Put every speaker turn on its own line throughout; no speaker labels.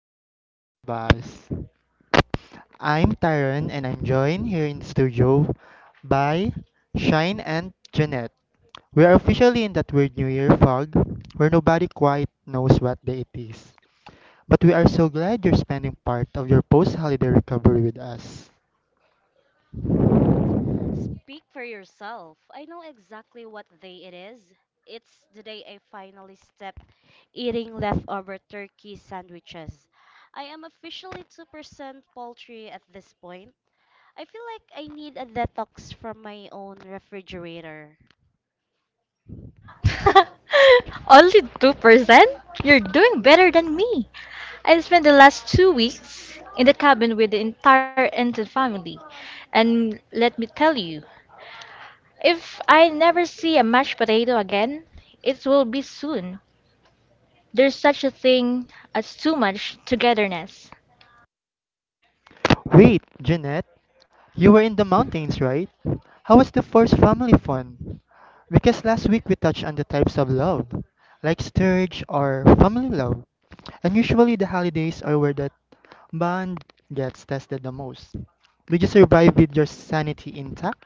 to the Spectrum of Us. I'm Tyron and I'm joined here in the studio by Shine and Jeanette. We are officially in that weird New Year fog where nobody quite knows what day it is. But we are so glad you're spending part of your post holiday recovery with us.
Speak for yourself. I know exactly what day it is. It's the day I finally stepped eating leftover turkey sandwiches. I am officially 2% poultry at this point. I feel like I need a detox from my own refrigerator.
Only 2%? You're doing better than me. I spent the last 2 weeks in the cabin with the entire Enton family. And let me tell you, if I never see a mashed potato again, it will be soon. There's such a thing as too much togetherness.
Wait, Jeanette, you were in the mountains, right? How was the first family fun? Because last week we touched on the types of love, like sturge or family love. And usually the holidays are where that bond gets tested the most. Did you survive with your sanity intact?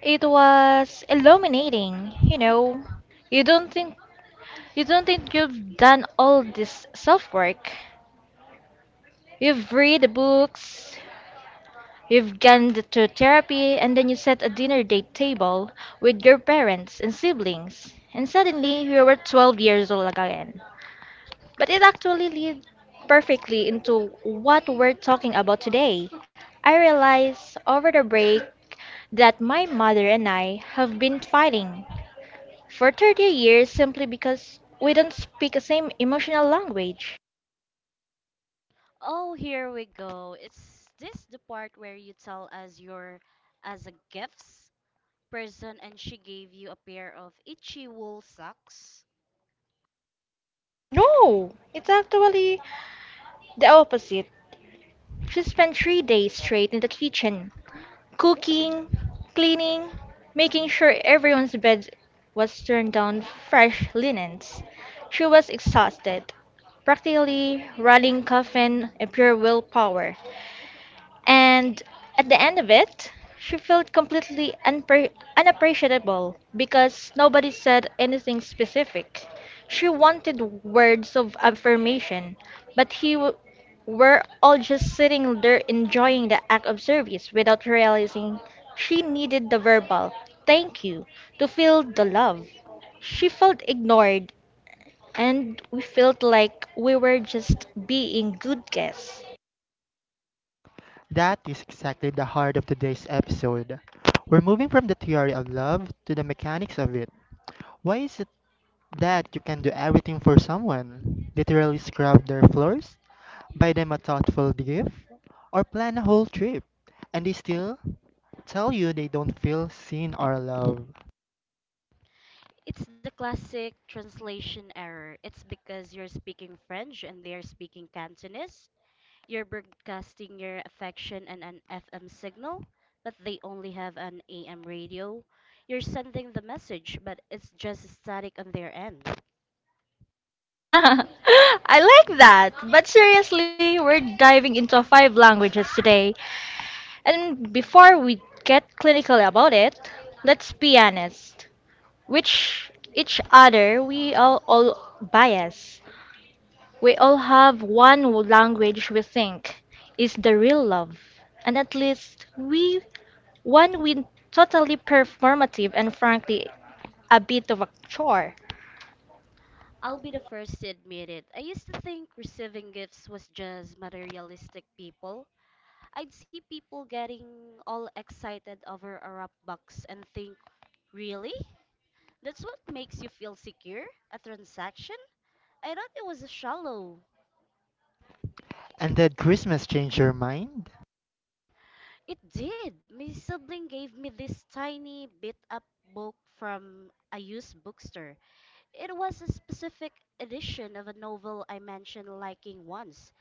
It was illuminating, you know. You don't think you don't think you've done all this self work. You've read the books, you've gone to therapy, and then you set a dinner date table with your parents and siblings, and suddenly you were 12 years old again. But it actually leads perfectly into what we're talking about today. I realized over the break that my mother and I have been fighting for 30 years simply because we don't speak the same emotional language.
Oh, here we go. Is this the part where you tell us you're as a gifts person and she gave you a pair of itchy wool socks?
No, it's actually the opposite. She spent 3 days straight in the kitchen cooking, cleaning, making sure everyone's bed was turned down, fresh linens. She was exhausted, practically running coffin and pure willpower. And at the end of it, she felt completely unappreciable because nobody said anything specific. She wanted words of affirmation, but he were all just sitting there enjoying the act of service without realizing she needed the verbal thank you to feel the love. She felt ignored, and we felt like we were just being good guests.
That is exactly the heart of today's episode. We're moving from the theory of love to the mechanics of it. Why is it that you can do everything for someone? Literally scrub their floors, buy them a thoughtful gift, or plan a whole trip, and they still tell you they don't feel seen or loved?
It's the classic translation error. It's because you're speaking French and they're speaking Cantonese. You're broadcasting your affection and an FM signal, but they only have an AM radio. You're sending the message, but it's just static on their end.
I like that. But seriously, we're diving into five languages today. And before we get clinical about it, let's be honest. Which each other we all bias. We all have one language we think is the real love. And at least we one we totally performative and frankly a bit of a chore.
I'll be the first to admit it. I used to think receiving gifts was just materialistic people. I'd see people getting all excited over a wrap box and think, really? That's what makes you feel secure? A transaction? I thought it was shallow.
And did Christmas change your mind?
It did. My sibling gave me this tiny beat up book from a used bookstore. It was a specific edition of a novel I mentioned liking once.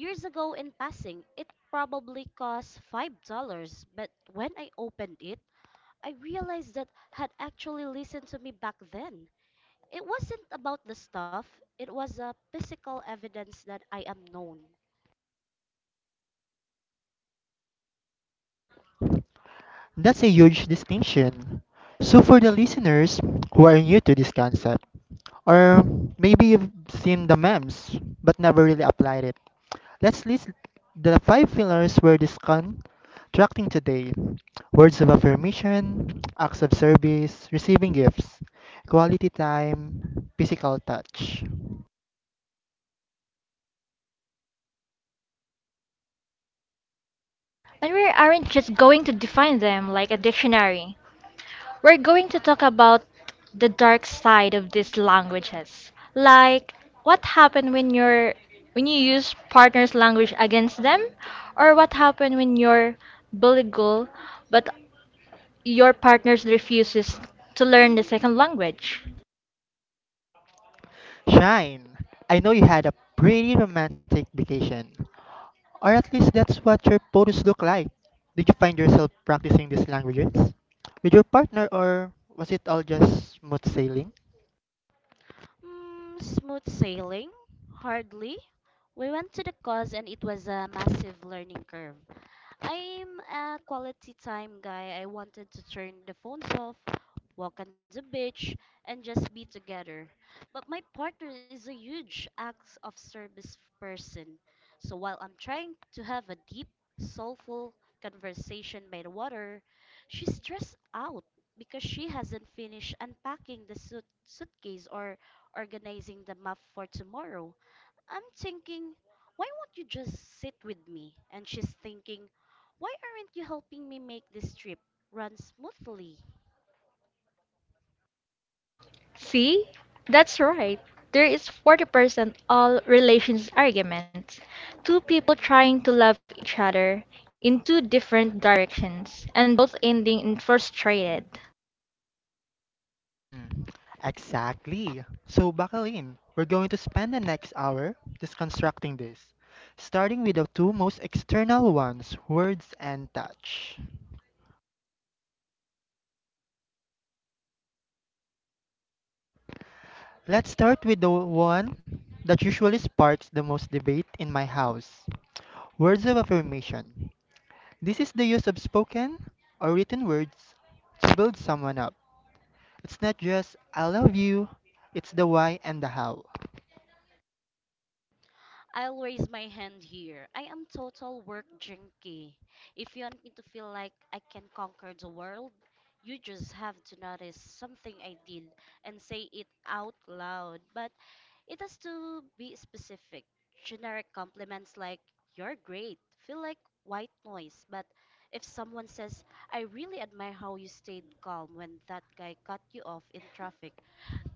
Years ago in passing, it probably cost $5, but when I opened it, I realized that had actually listened to me back then. It wasn't about the stuff, it was a physical evidence that I am known.
That's a huge distinction. So, for the listeners who are new to this concept, or maybe you've seen the memes but never really applied it, let's list the five pillars we're discussing today: words of affirmation, acts of service, receiving gifts, quality time, physical touch.
And we aren't just going to define them like a dictionary. We're going to talk about the dark side of these languages. Like what happened when you use partner's language against them, or what happened when you're bilingual but your partner refuses to learn the second language.
Shine! I know you had a pretty romantic vacation. Or at least that's what your photos look like. Did you find yourself practicing these languages with your partner, or was it all just smooth sailing?
Smooth sailing? Hardly. We went to the cause and it was a massive learning curve. I'm a quality time guy. I wanted to turn the phones off, walk on the beach, and just be together. But my partner is a huge acts of service person. So while I'm trying to have a deep, soulful conversation by the water, she's stressed out because she hasn't finished unpacking the suitcase or organizing the map for tomorrow. I'm thinking, why won't you just sit with me? And she's thinking, why aren't you helping me make this trip run smoothly?
See? That's right. There is 40% all relations arguments. Two people trying to love each other in two different directions and both ending in frustrated.
Hmm, exactly. So, buckle in. We're going to spend the next hour deconstructing this, starting with the two most external ones: words and touch. Let's start with the one that usually sparks the most debate in my house: words of affirmation. This is the use of spoken or written words to build someone up. It's not just I love you, it's the why and the how.
I'll raise my hand here. I am total work junkie. If you want me to feel like I can conquer the world, you just have to notice something I did and say it out loud. But it has to be specific. Generic compliments like, you're great, feel like white noise. But if someone says, I really admire how you stayed calm when that guy cut you off in traffic,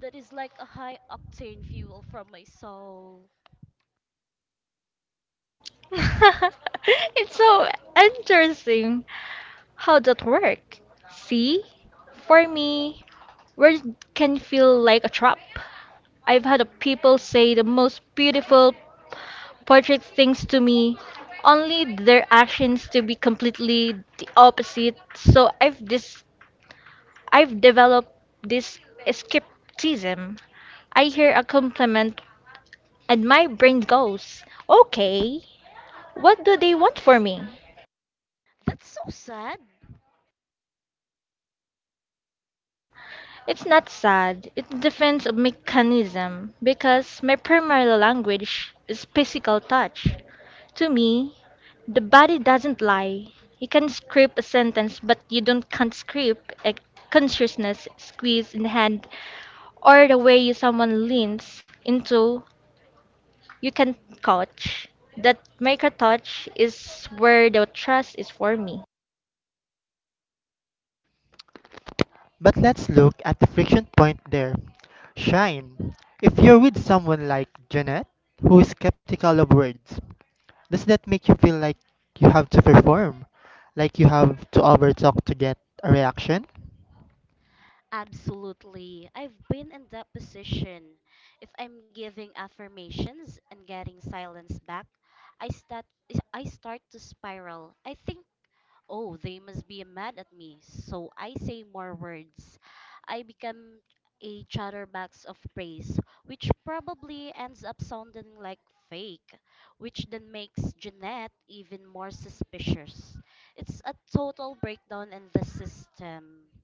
that is like a high octane fuel from my soul.
It's so interesting how that work. See, for me, words can feel like a trap. I've had people say the most beautiful portrait things to me, only their actions to be completely the opposite. So I've developed this skepticism. I hear a compliment and my brain goes, "Okay, what do they want for me?"
That's so sad.
It's not sad. It's a mechanism because my primary language is physical touch. To me, the body doesn't lie. You can script a sentence, but you don't can't script a consciousness squeeze in the hand, or the way you someone leans into you can touch. That maker touch is where the trust is for me.
But let's look at the friction point there. Shine, if you're with someone like Jeanette, who is skeptical of words, does that make you feel like you have to perform? Like you have to overtalk to get a reaction?
Absolutely. I've been in that position. If I'm giving affirmations and getting silence back, I start I start to spiral. I think oh, they must be mad at me. So I say more words. I become a chatterbox of praise, which probably ends up sounding like fake, which then makes Jeanette even more suspicious. It's a total breakdown in the system.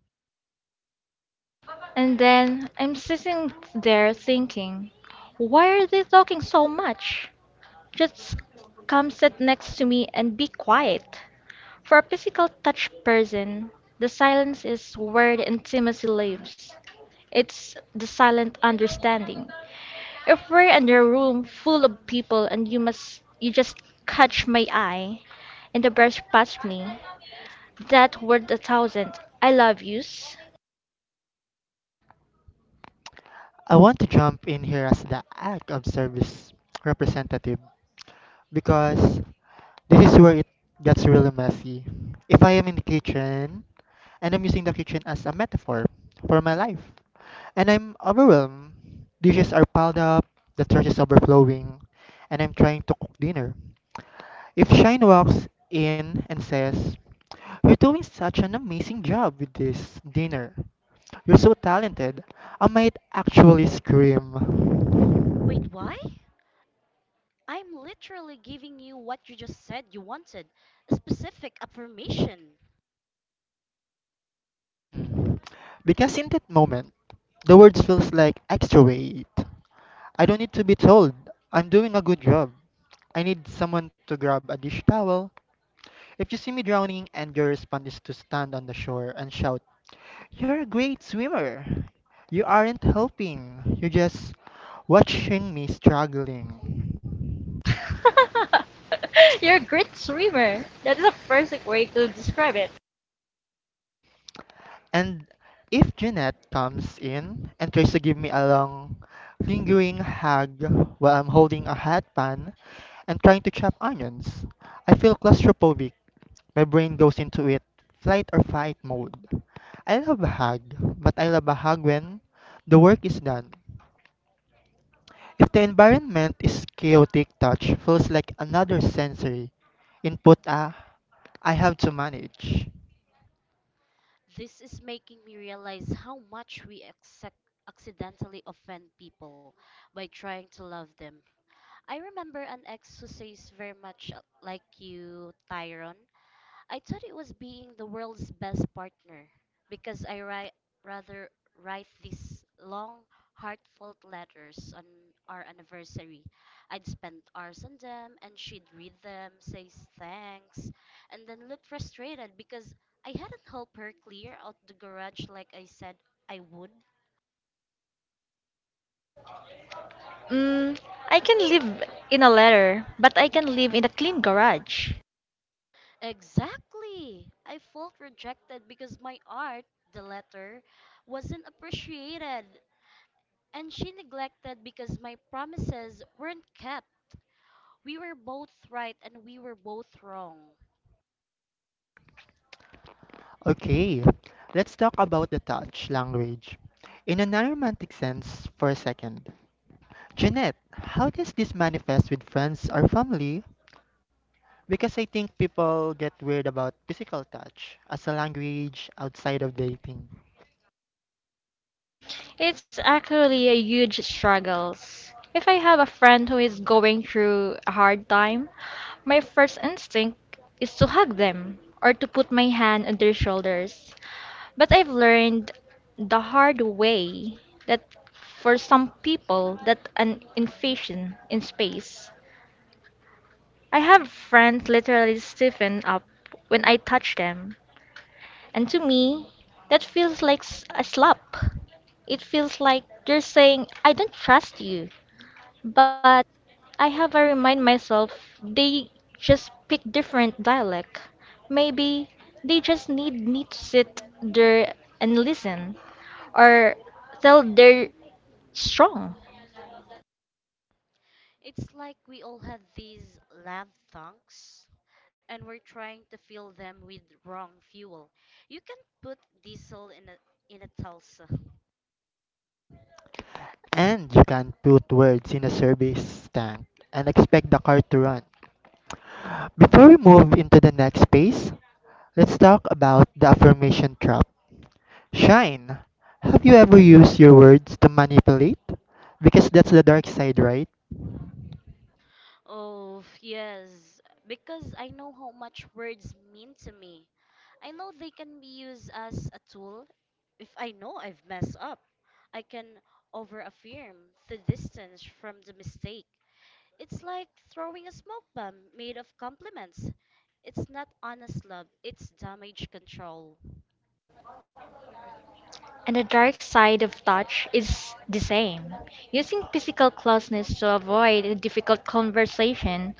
And then I'm sitting there thinking, why are they talking so much? Just come sit next to me and be quiet. For a physical touch person, the silence is where the intimacy lives. It's the silent understanding. If we're in a room full of people and you just catch my eye and the brush past me, that worth 1,000 I love yous.
I want to jump in here as the act of service representative, because this is where it gets really messy. If I am in the kitchen, and I'm using the kitchen as a metaphor for my life, and I'm overwhelmed, dishes are piled up, the trash is overflowing, and I'm trying to cook dinner. If Shine walks in and says, You're doing such an amazing job with this dinner, you're so talented, I might actually scream.
Wait, why? I'm literally giving you what you just said you wanted a specific affirmation.
Hmm. Because in that moment, the words feels like extra weight. I don't need to be told I'm doing a good job. I need someone to grab a dish towel. If you see me drowning and your response is to stand on the shore and shout, You're a great swimmer, you aren't helping. You're just watching me struggling.
You're a great swimmer. That is a perfect way to describe it.
And if Jeanette comes in and tries to give me a long, lingering hug while I'm holding a hot pan and trying to chop onions, I feel claustrophobic. My brain goes into it, flight or fight mode. I love a hug, but I love a hug when the work is done. If the environment is chaotic, touch feels like another sensory input Ah, I have to manage.
This is making me realize how much we accidentally offend people by trying to love them. I remember an ex who says very much like you, Tyrone. I thought it was being the world's best partner because I rather write these long, heartfelt letters on our anniversary. I'd spend hours on them and she'd read them, say thanks, and then look frustrated because I hadn't helped her clear out the garage like I said I would.
Mm, I can live in a letter, but I can live in a clean garage.
Exactly! I felt rejected because my art, the letter, wasn't appreciated and she neglected because my promises weren't kept. We were both right and we were both wrong.
Okay, let's talk about the touch language in a non-romantic sense for a second. Jeanette, how does this manifest with friends or family? Because I think people get weird about physical touch as a language outside of dating.
It's actually a huge struggle. If I have a friend who is going through a hard time, my first instinct is to hug them or to put my hand on their shoulders. But I've learned the hard way that for some people that an invasion in space. I have friends literally stiffen up when I touch them. And to me, that feels like a slap. It feels like they're saying, I don't trust you. But I have to remind myself they just pick different dialect. Maybe they just need me to sit there and listen or tell they're strong.
It's like we all had these love tanks and we're trying to fill them with wrong fuel. You can't put diesel in a Tulsa.
And you can not put words in a service tank and expect the car to run. Before we move into the next space, let's talk about the affirmation trap. Shine, have you ever used your words to manipulate? Because that's the dark side, right?
Oh, yes, because I know how much words mean to me. I know they can be used as a tool. If I know I've messed up, I can overaffirm the distance from the mistake. It's like throwing a smoke bomb made of compliments. It's not honest love, it's damage control.
And the dark side of touch is the same. Using physical closeness to avoid a difficult conversation.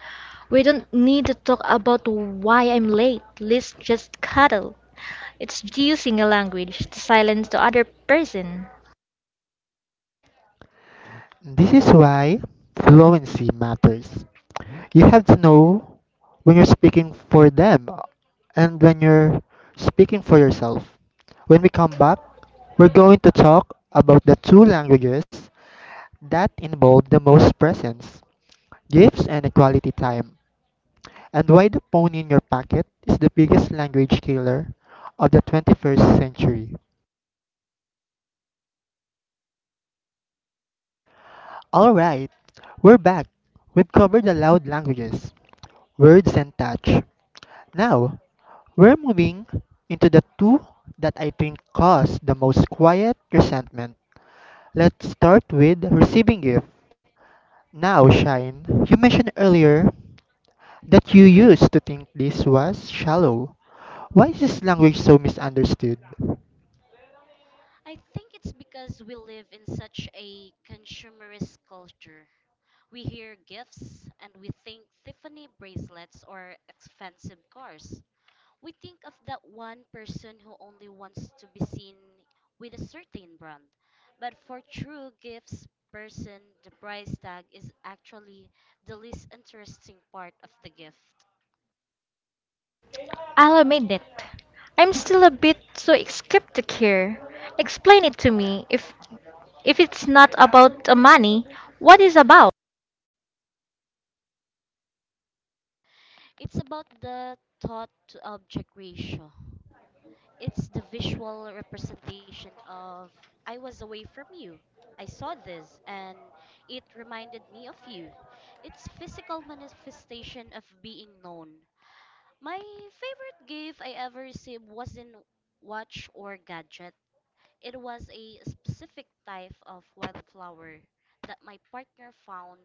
We don't need to talk about why I'm late. Let's just cuddle. It's using a language to silence the other person.
This is why fluency matters. You have to know when you're speaking for them and when you're speaking for yourself. When we come back, we're going to talk about the two languages that involve the most presence, gifts, and equality time, and why the phone in your pocket is the biggest language killer of the 21st century. Alright, we're back. We've covered the loud languages, words, and touch. Now, we're moving into the two that I think cause the most quiet resentment. Let's start with receiving gift. Now, Shine, you mentioned earlier that you used to think this was shallow. Why is this language so misunderstood?
I think it's because we live in such a consumerist culture. We hear gifts and we think Tiffany bracelets or expensive cars. We think of that one person who only wants to be seen with a certain brand. But for true gifts person, the price tag is actually the least interesting part of the gift.
I'll admit it. I'm still a bit so skeptic here. Explain it to me. If it's not about money, what is about?
It's about the thought to object ratio. It's the visual representation of I was away from you. I saw this and it reminded me of you. It's physical manifestation of being known. My favorite gift I ever received wasn't watch or gadget. It was a specific type of wildflower that my partner found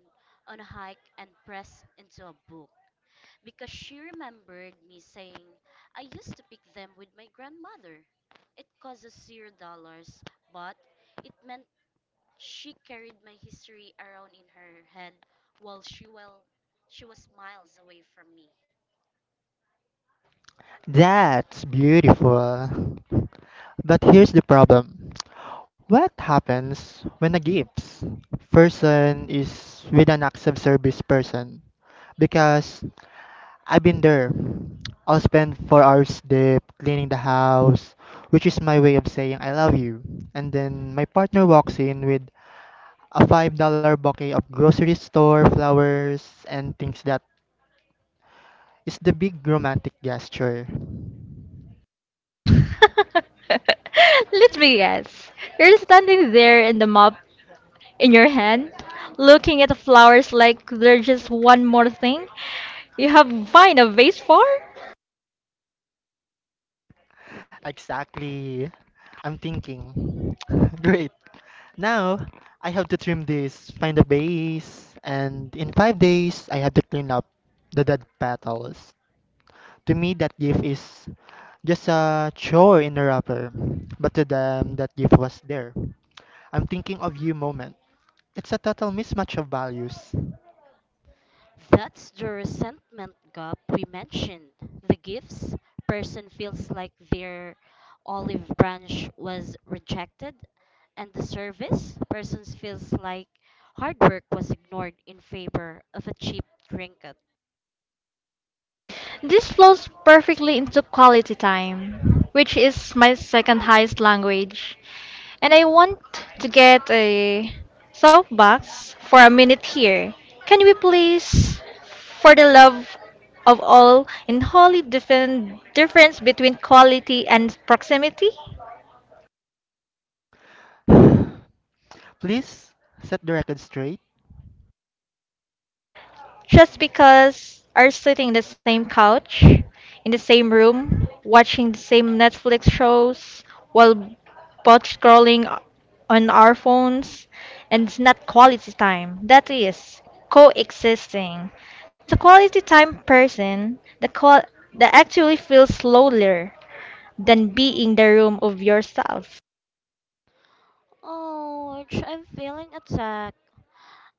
on a hike and pressed into a book because she remembered me saying, I used to pick them with my grandmother. It cost us $0, but it meant she carried my history around in her head while she she was miles away from me.
That's beautiful. But here's the problem. What happens when a gifts person is with an acts of service person? Because I've been there. I'll spend 4 hours deep cleaning the house, which is my way of saying I love you. And then my partner walks in with a $5 bouquet of grocery store flowers and thinks that is the big romantic gesture.
Let me guess. You're standing there in the mop in your hand, looking at the flowers like they're just one more thing you have find a vase for?
Exactly. I'm thinking. Great. Now I have to trim this, find a base, and in 5 days I have to clean up the dead petals. To me, that gift is just a chore in a wrapper, but to them that gift was there. I'm thinking of you moment. It's a total mismatch of values.
That's the resentment gap we mentioned. The gifts person feels like their olive branch was rejected, and the service person feels like hard work was ignored in favor of a cheap trinket.
This flows perfectly into quality time, which is my second highest language. And I want to get a softbox for a minute here. Can we please, for the love of all, in holy defend difference between quality and proximity?
Please set the record straight.
Just because are sitting in the same couch, in the same room, watching the same Netflix shows while botch scrolling on our phones, and it's not quality time. That is coexisting. The quality time person, the qual that actually feels lonelier than being the room of yourself.
Ouch, I'm feeling attacked.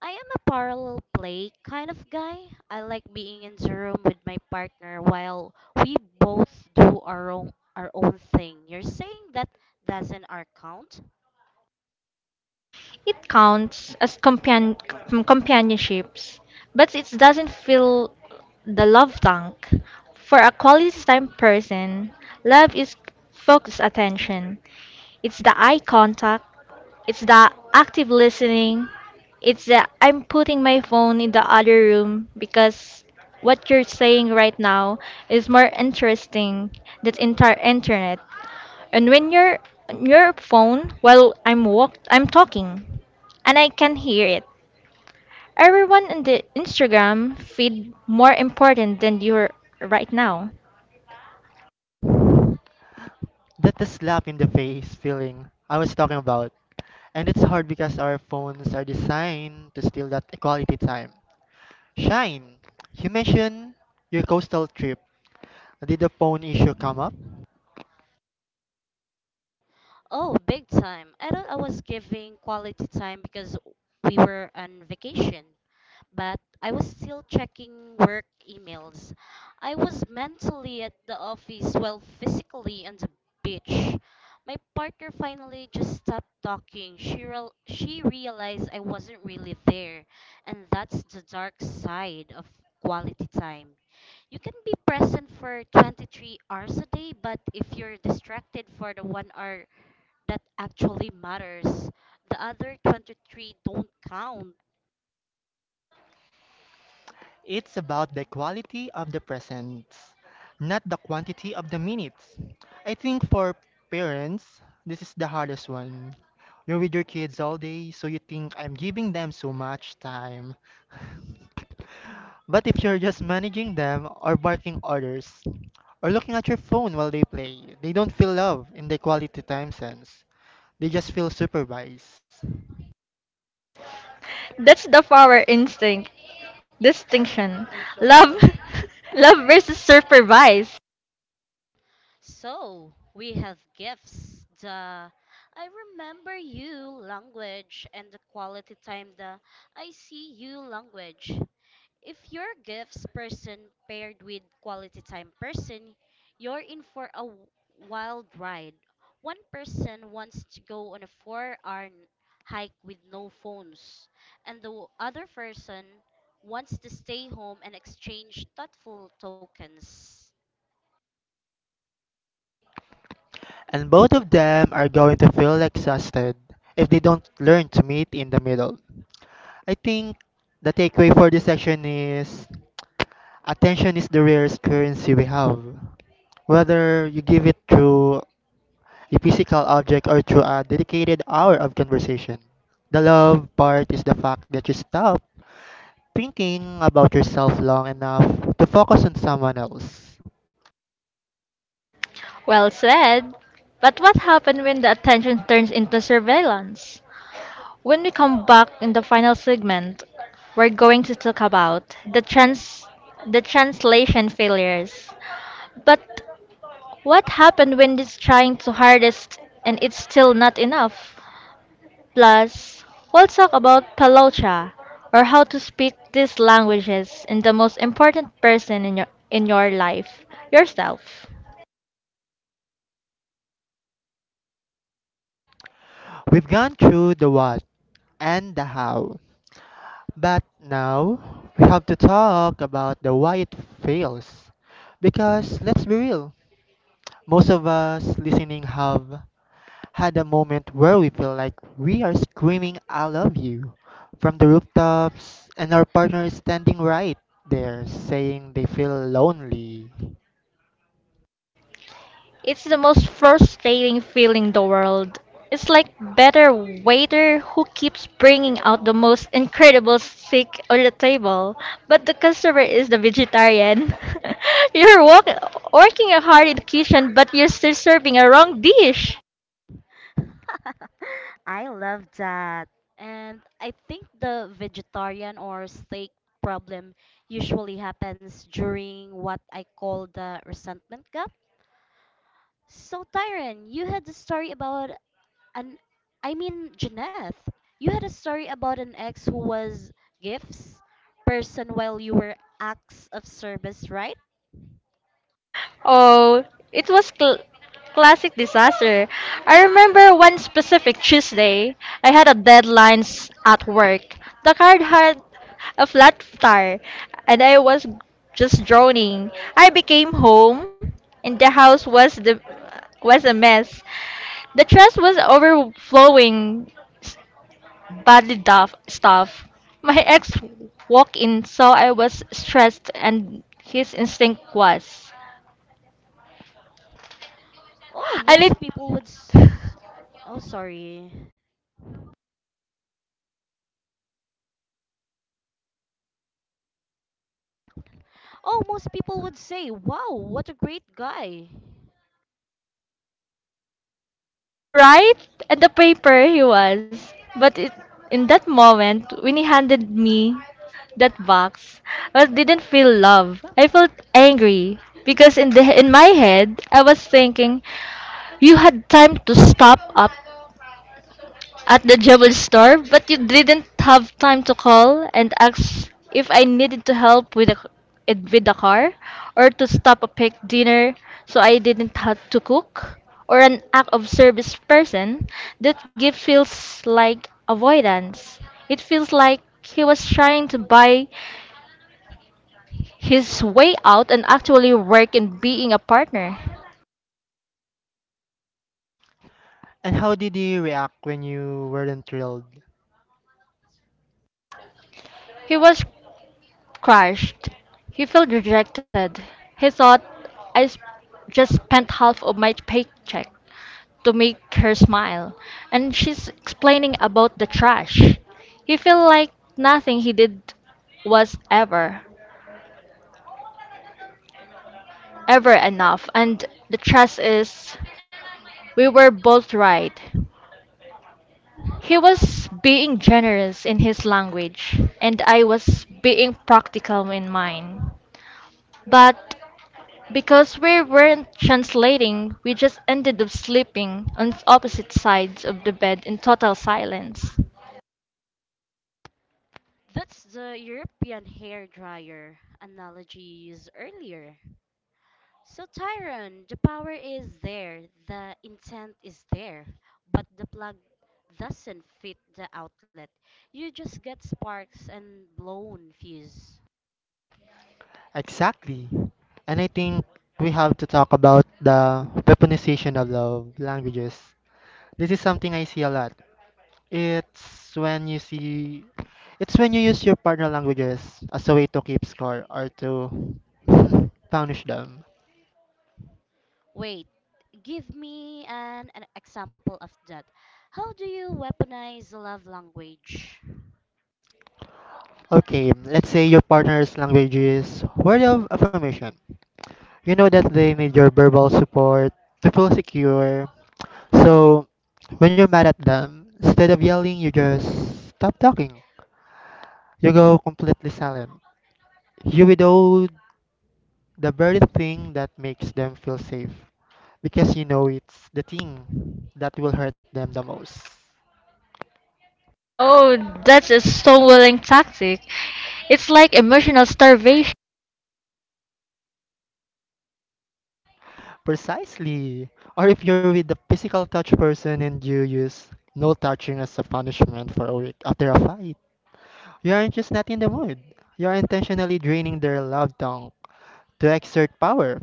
I am a parallel play kind of guy. I like being in the room with my partner while we both do our own thing. You're saying that doesn't our count?
It counts as companionships, but it doesn't fill the love tank. For a quality time person, love is focused attention. It's the eye contact, it's the active listening, it's the I'm putting my phone in the other room because what you're saying right now is more interesting than internet. And when you're on your phone while I'm talking and I can hear it. Everyone in the Instagram feed more important than you're right now.
That the slap in the face feeling I was talking about. And it's hard because our phones are designed to steal that equality time. Shine, you mentioned your coastal trip. Did the phone issue come up?
Oh, big time. I thought I was giving quality time because we were on vacation, but I was still checking work emails. I was mentally at the office while physically on the beach. My partner finally just stopped talking. She realized I wasn't really there, and that's the dark side of quality time. You can be present for 23 hours a day, but if you're distracted for the 1 hour that actually matters. The other 23 don't count.
It's about the quality of the presence, not the quantity of the minutes. I think for parents, this is the hardest one. You're with your kids all day, so you think I'm giving them so much time. But if you're just managing them or barking orders or looking at your phone while they play, they don't feel love in the quality time sense. They just feel supervised.
That's the power instinct distinction. Love love versus supervise.
So we have gifts, the I remember you language, and the quality time, the I see you language. If you're gifts person paired with quality time person, you're in for a wild ride. One person wants to go on a 4-hour hike with no phones, and the other person wants to stay home and exchange thoughtful tokens.
And both of them are going to feel exhausted if they don't learn to meet in the middle. I think the takeaway for this section is attention is the rarest currency we have. Whether you give it through a physical object or through a dedicated hour of conversation. The love part is the fact that you stop thinking about yourself long enough to focus on someone else.
Well said. But what happens when the attention turns into surveillance? When we come back in the final segment, we're going to talk about the translation failures. But what happened when it's trying to hardest and it's still not enough? Plus, we'll talk about Palocha or how to speak these languages and the most important person in your life, yourself.
We've gone through the what and the how, but now we have to talk about the why it fails. Because let's be real, most of us listening have had a moment where we feel like we are screaming, I love you, from the rooftops, and our partner is standing right there saying they feel lonely.
It's the most frustrating feeling in the world. It's like better waiter who keeps bringing out the most incredible steak on the table, but the customer is the vegetarian. You're working hard in the kitchen, but you're still serving a wrong dish.
I love that. And I think the vegetarian or steak problem usually happens during what I call the resentment gap. So, Tyron, you had a story about an, Janeth, you had a story about an ex who was gifts person while you were acts of service, right?
Oh, it was classic disaster. I remember one specific Tuesday, I had a deadline at work. The card had a flat tire, and I was just droning. I became home, and the house was a mess. The trash was overflowing, s- badly duff stuff. My ex walked in, saw I was stressed, and his instinct was.
Oh,
And it
most people would. S- oh, sorry. Oh, most people would say, wow, what a great guy.
right at the paper he was but it, in that moment when he handed me that box I didn't feel love. I felt angry because in my head I was thinking, you had time to stop at the jewel store, but you didn't have time to call and ask if I needed to help with the car, or to stop a pick dinner so I didn't have to cook, or an act of service person that gift feels like avoidance. It feels like he was trying to buy his way out and actually work in being a partner.
And how did you react when you weren't thrilled?
He was crushed. He felt rejected. He thought, I just spent half of my paycheck to make her smile, and she's explaining about the trash. He felt like nothing he did was ever, ever enough, and the truth is, we were both right. He was being generous in his language, and I was being practical in mine. But because we weren't translating, we just ended up sleeping on opposite sides of the bed in total silence.
That's the European hair dryer analogies earlier. So, Tyron, the power is there, the intent is there, but the plug doesn't fit the outlet. You just get sparks and blown fuse.
Exactly. And I think we have to talk about the weaponization of love languages. This is something I see a lot. It's when you see, it's when you use your partner languages as a way to keep score or to punish them.
Wait, give me an example of that. How do you weaponize love language?
Okay, let's say your partner's language is word of affirmation. You know that they need your verbal support to feel secure. So, when you're mad at them, instead of yelling, you just stop talking. You go completely silent. You withhold the very thing that makes them feel safe, because you know it's the thing that will hurt them the most.
Oh, that's a stonewalling tactic. It's like emotional starvation.
Precisely. Or if you're with the physical touch person and you use no touching as a punishment for a week after a fight, you are just not in the mood. You're intentionally draining their love tank to exert power.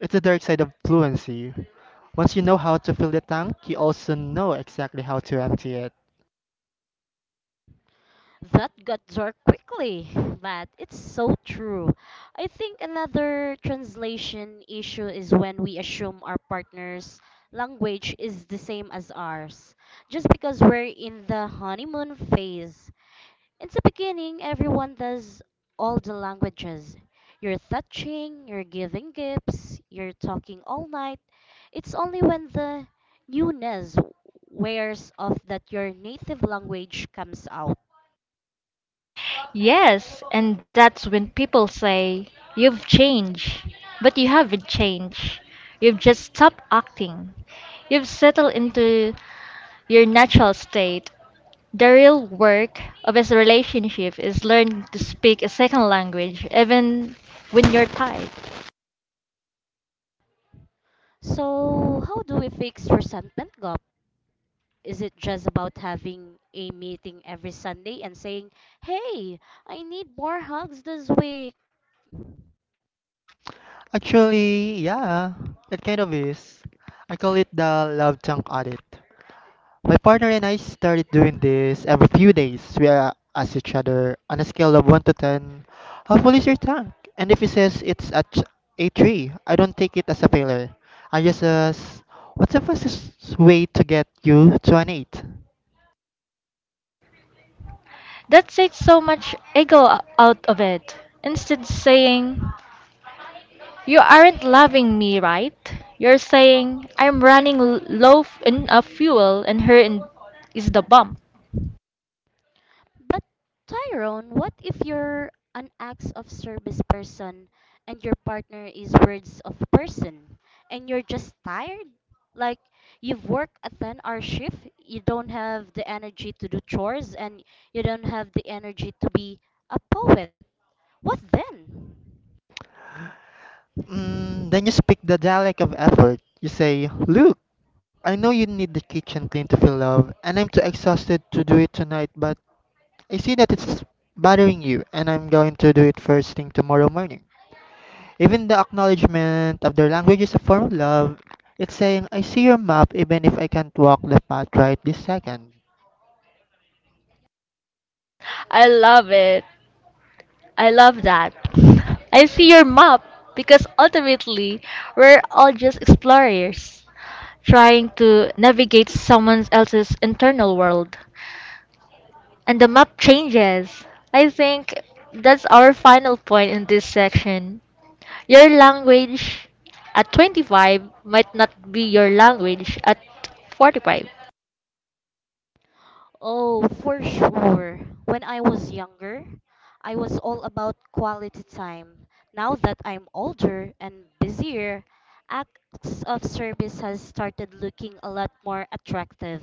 It's the dark side of fluency. Once you know how to fill the tank, you also know exactly how to empty it.
That got dark quickly, but it's so true. I think another translation issue is when we assume our partner's language is the same as ours, just because we're in the honeymoon phase. In the beginning, everyone does all the languages. You're touching, you're giving gifts, you're talking all night. It's only when the newness wears off that your native language comes out.
Yes, and that's when people say, you've changed. But you haven't changed. You've just stopped acting. You've settled into your natural state. The real work of his relationship is learning to speak a second language even when you're tired.
So, how do we fix resentment gap? Is it just about having a meeting every Sunday and saying, "Hey, I need more hugs this week."
Actually, yeah, it kind of is. I call it the love tank audit. My partner and I started doing this every few days. We ask each other on a scale of 1 to 10, how full is your tank? And if he says it's at a 3, I don't take it as a failure. I just ask, what's the fastest way to get you to an 8?
That takes so much ego out of it. Instead saying, you aren't loving me, right? You're saying, I'm running low of fuel and here is the bump.
But Tyrone, what if you're an acts of service person and your partner is words of person and you're just tired? Like you've worked a 10-hour shift, you don't have the energy to do chores and you don't have the energy to be a poet. What then?
Mm, then you speak the dialect of effort. You say, Look, I know you need the kitchen clean to feel love, and I'm too exhausted to do it tonight, but I see that it's bothering you, and I'm going to do it first thing tomorrow morning. Even the acknowledgement of their language is a form of love. It's saying, I see your map even if I can't walk the path right this second.
I love it. I love that. I see your map because ultimately we're all just explorers trying to navigate someone else's internal world. And the map changes. I think that's our final point in this section. Your language at 25 might not be your language at 45.
Oh, for sure. When I was younger, I was all about quality time. Now that I'm older and busier, acts of service has started looking a lot more attractive.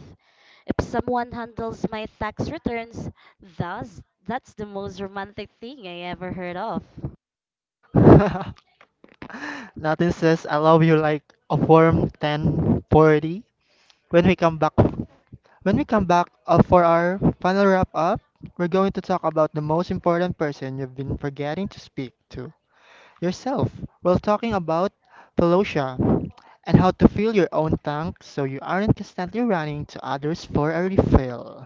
If someone handles my tax returns, thus that's the most romantic thing I ever heard of.
Nothing says I love you like a warm 1040. When we come back when we come back for our final wrap up, we're going to talk about the most important person you've been forgetting to speak to: yourself, while talking about Pelosia and how to fill your own tank so you aren't constantly running to others for a refill.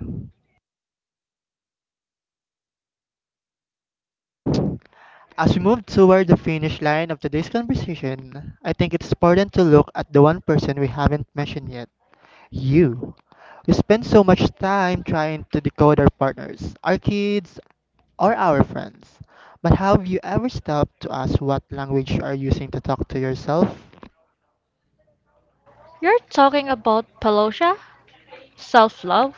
As we move toward the finish line of today's conversation, I think it's important to look at the one person we haven't mentioned yet: you. We spend so much time trying to decode our partners, our kids, or our friends. But have you ever stopped to ask what language you are using to talk to yourself?
You're talking about Palosha, self love,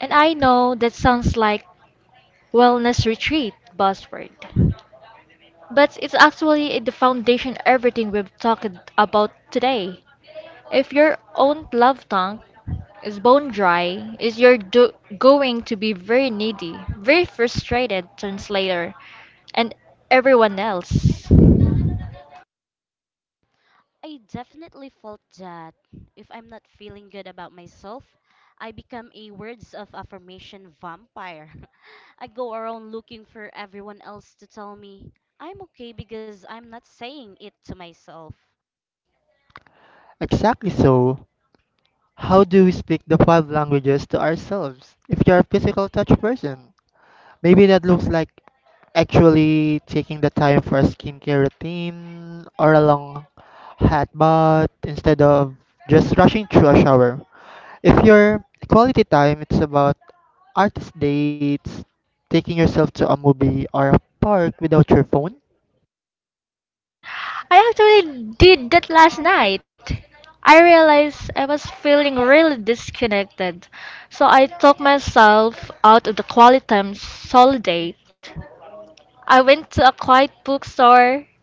and I know that sounds like wellness retreat buzzword. But it's actually the foundation everything we've talked about today. If your own love tank is bone dry, is you're going to be very needy, very frustrated translator, and everyone else.
I definitely felt that if I'm not feeling good about myself, I become a words of affirmation vampire. I go around looking for everyone else to tell me I'm okay because I'm not saying it to myself.
Exactly so. How do we speak the five languages to ourselves? If you're a physical touch person, maybe that looks like actually taking the time for a skincare routine or a long hot bath instead of just rushing through a shower. If your quality time, it's about artist dates, taking yourself to a movie or a park without your phone.
I actually did that last night. I realized I was feeling really disconnected, so I took myself out of the quality time solidate. I went to a quiet bookstore,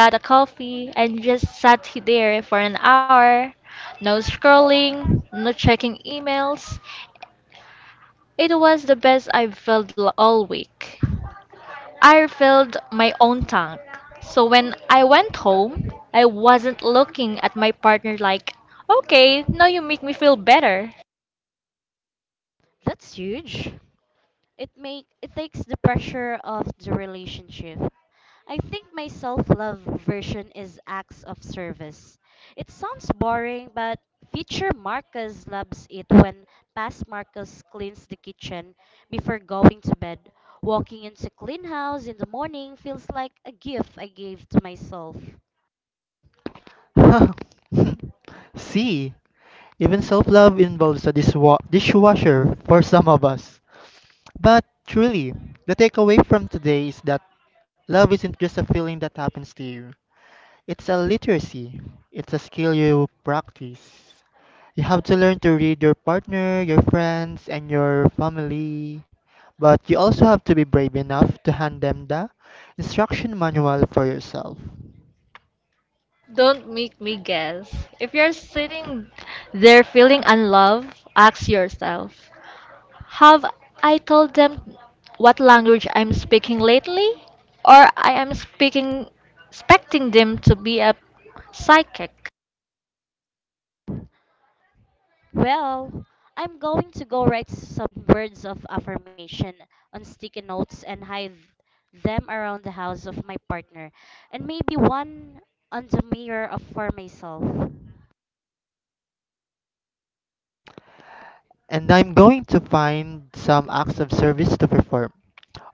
got a coffee, and just sat there for an hour. No scrolling, no checking emails. It was the best I felt all week. I refilled my own tank. So when I went home, I wasn't looking at my partner like, okay, now you make me feel better.
That's huge. It make it takes the pressure off the relationship. I think my self love version is acts of service. It sounds boring, but future Marcus loves it when past Marcus cleans the kitchen before going to bed. Walking into clean house in the morning feels like a gift I gave to myself.
See, even self-love involves a dishwasher for some of us. But truly, the takeaway from today is that love isn't just a feeling that happens to you, it's a literacy, it's a skill you practice. You have to learn to read your partner, your friends, and your family. But you also have to be brave enough to hand them the instruction manual for yourself.
Don't make me guess. If you're sitting there feeling unloved, ask yourself, have I told them what language I'm speaking lately? Or I am speaking expecting them to be a psychic?
Well, I'm going to go write some words of affirmation on sticky notes and hide them around the house of my partner, and maybe one on the mirror of for myself.
And I'm going to find some acts of service to perform.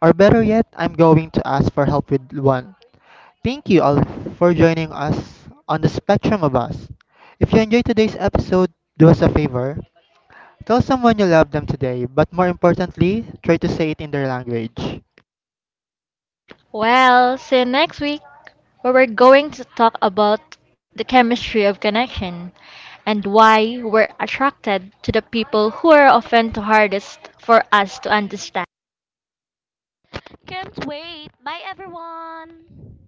Or better yet, I'm going to ask for help with one. Thank you all for joining us on the Spectrum of Us. If you enjoyed today's episode, do us a favor. Tell someone you love them today, but more importantly, try to say it in their language.
Well, see you next week where we're going to talk about the chemistry of connection and why we're attracted to the people who are often the hardest for us to understand.
Can't wait. Bye, everyone.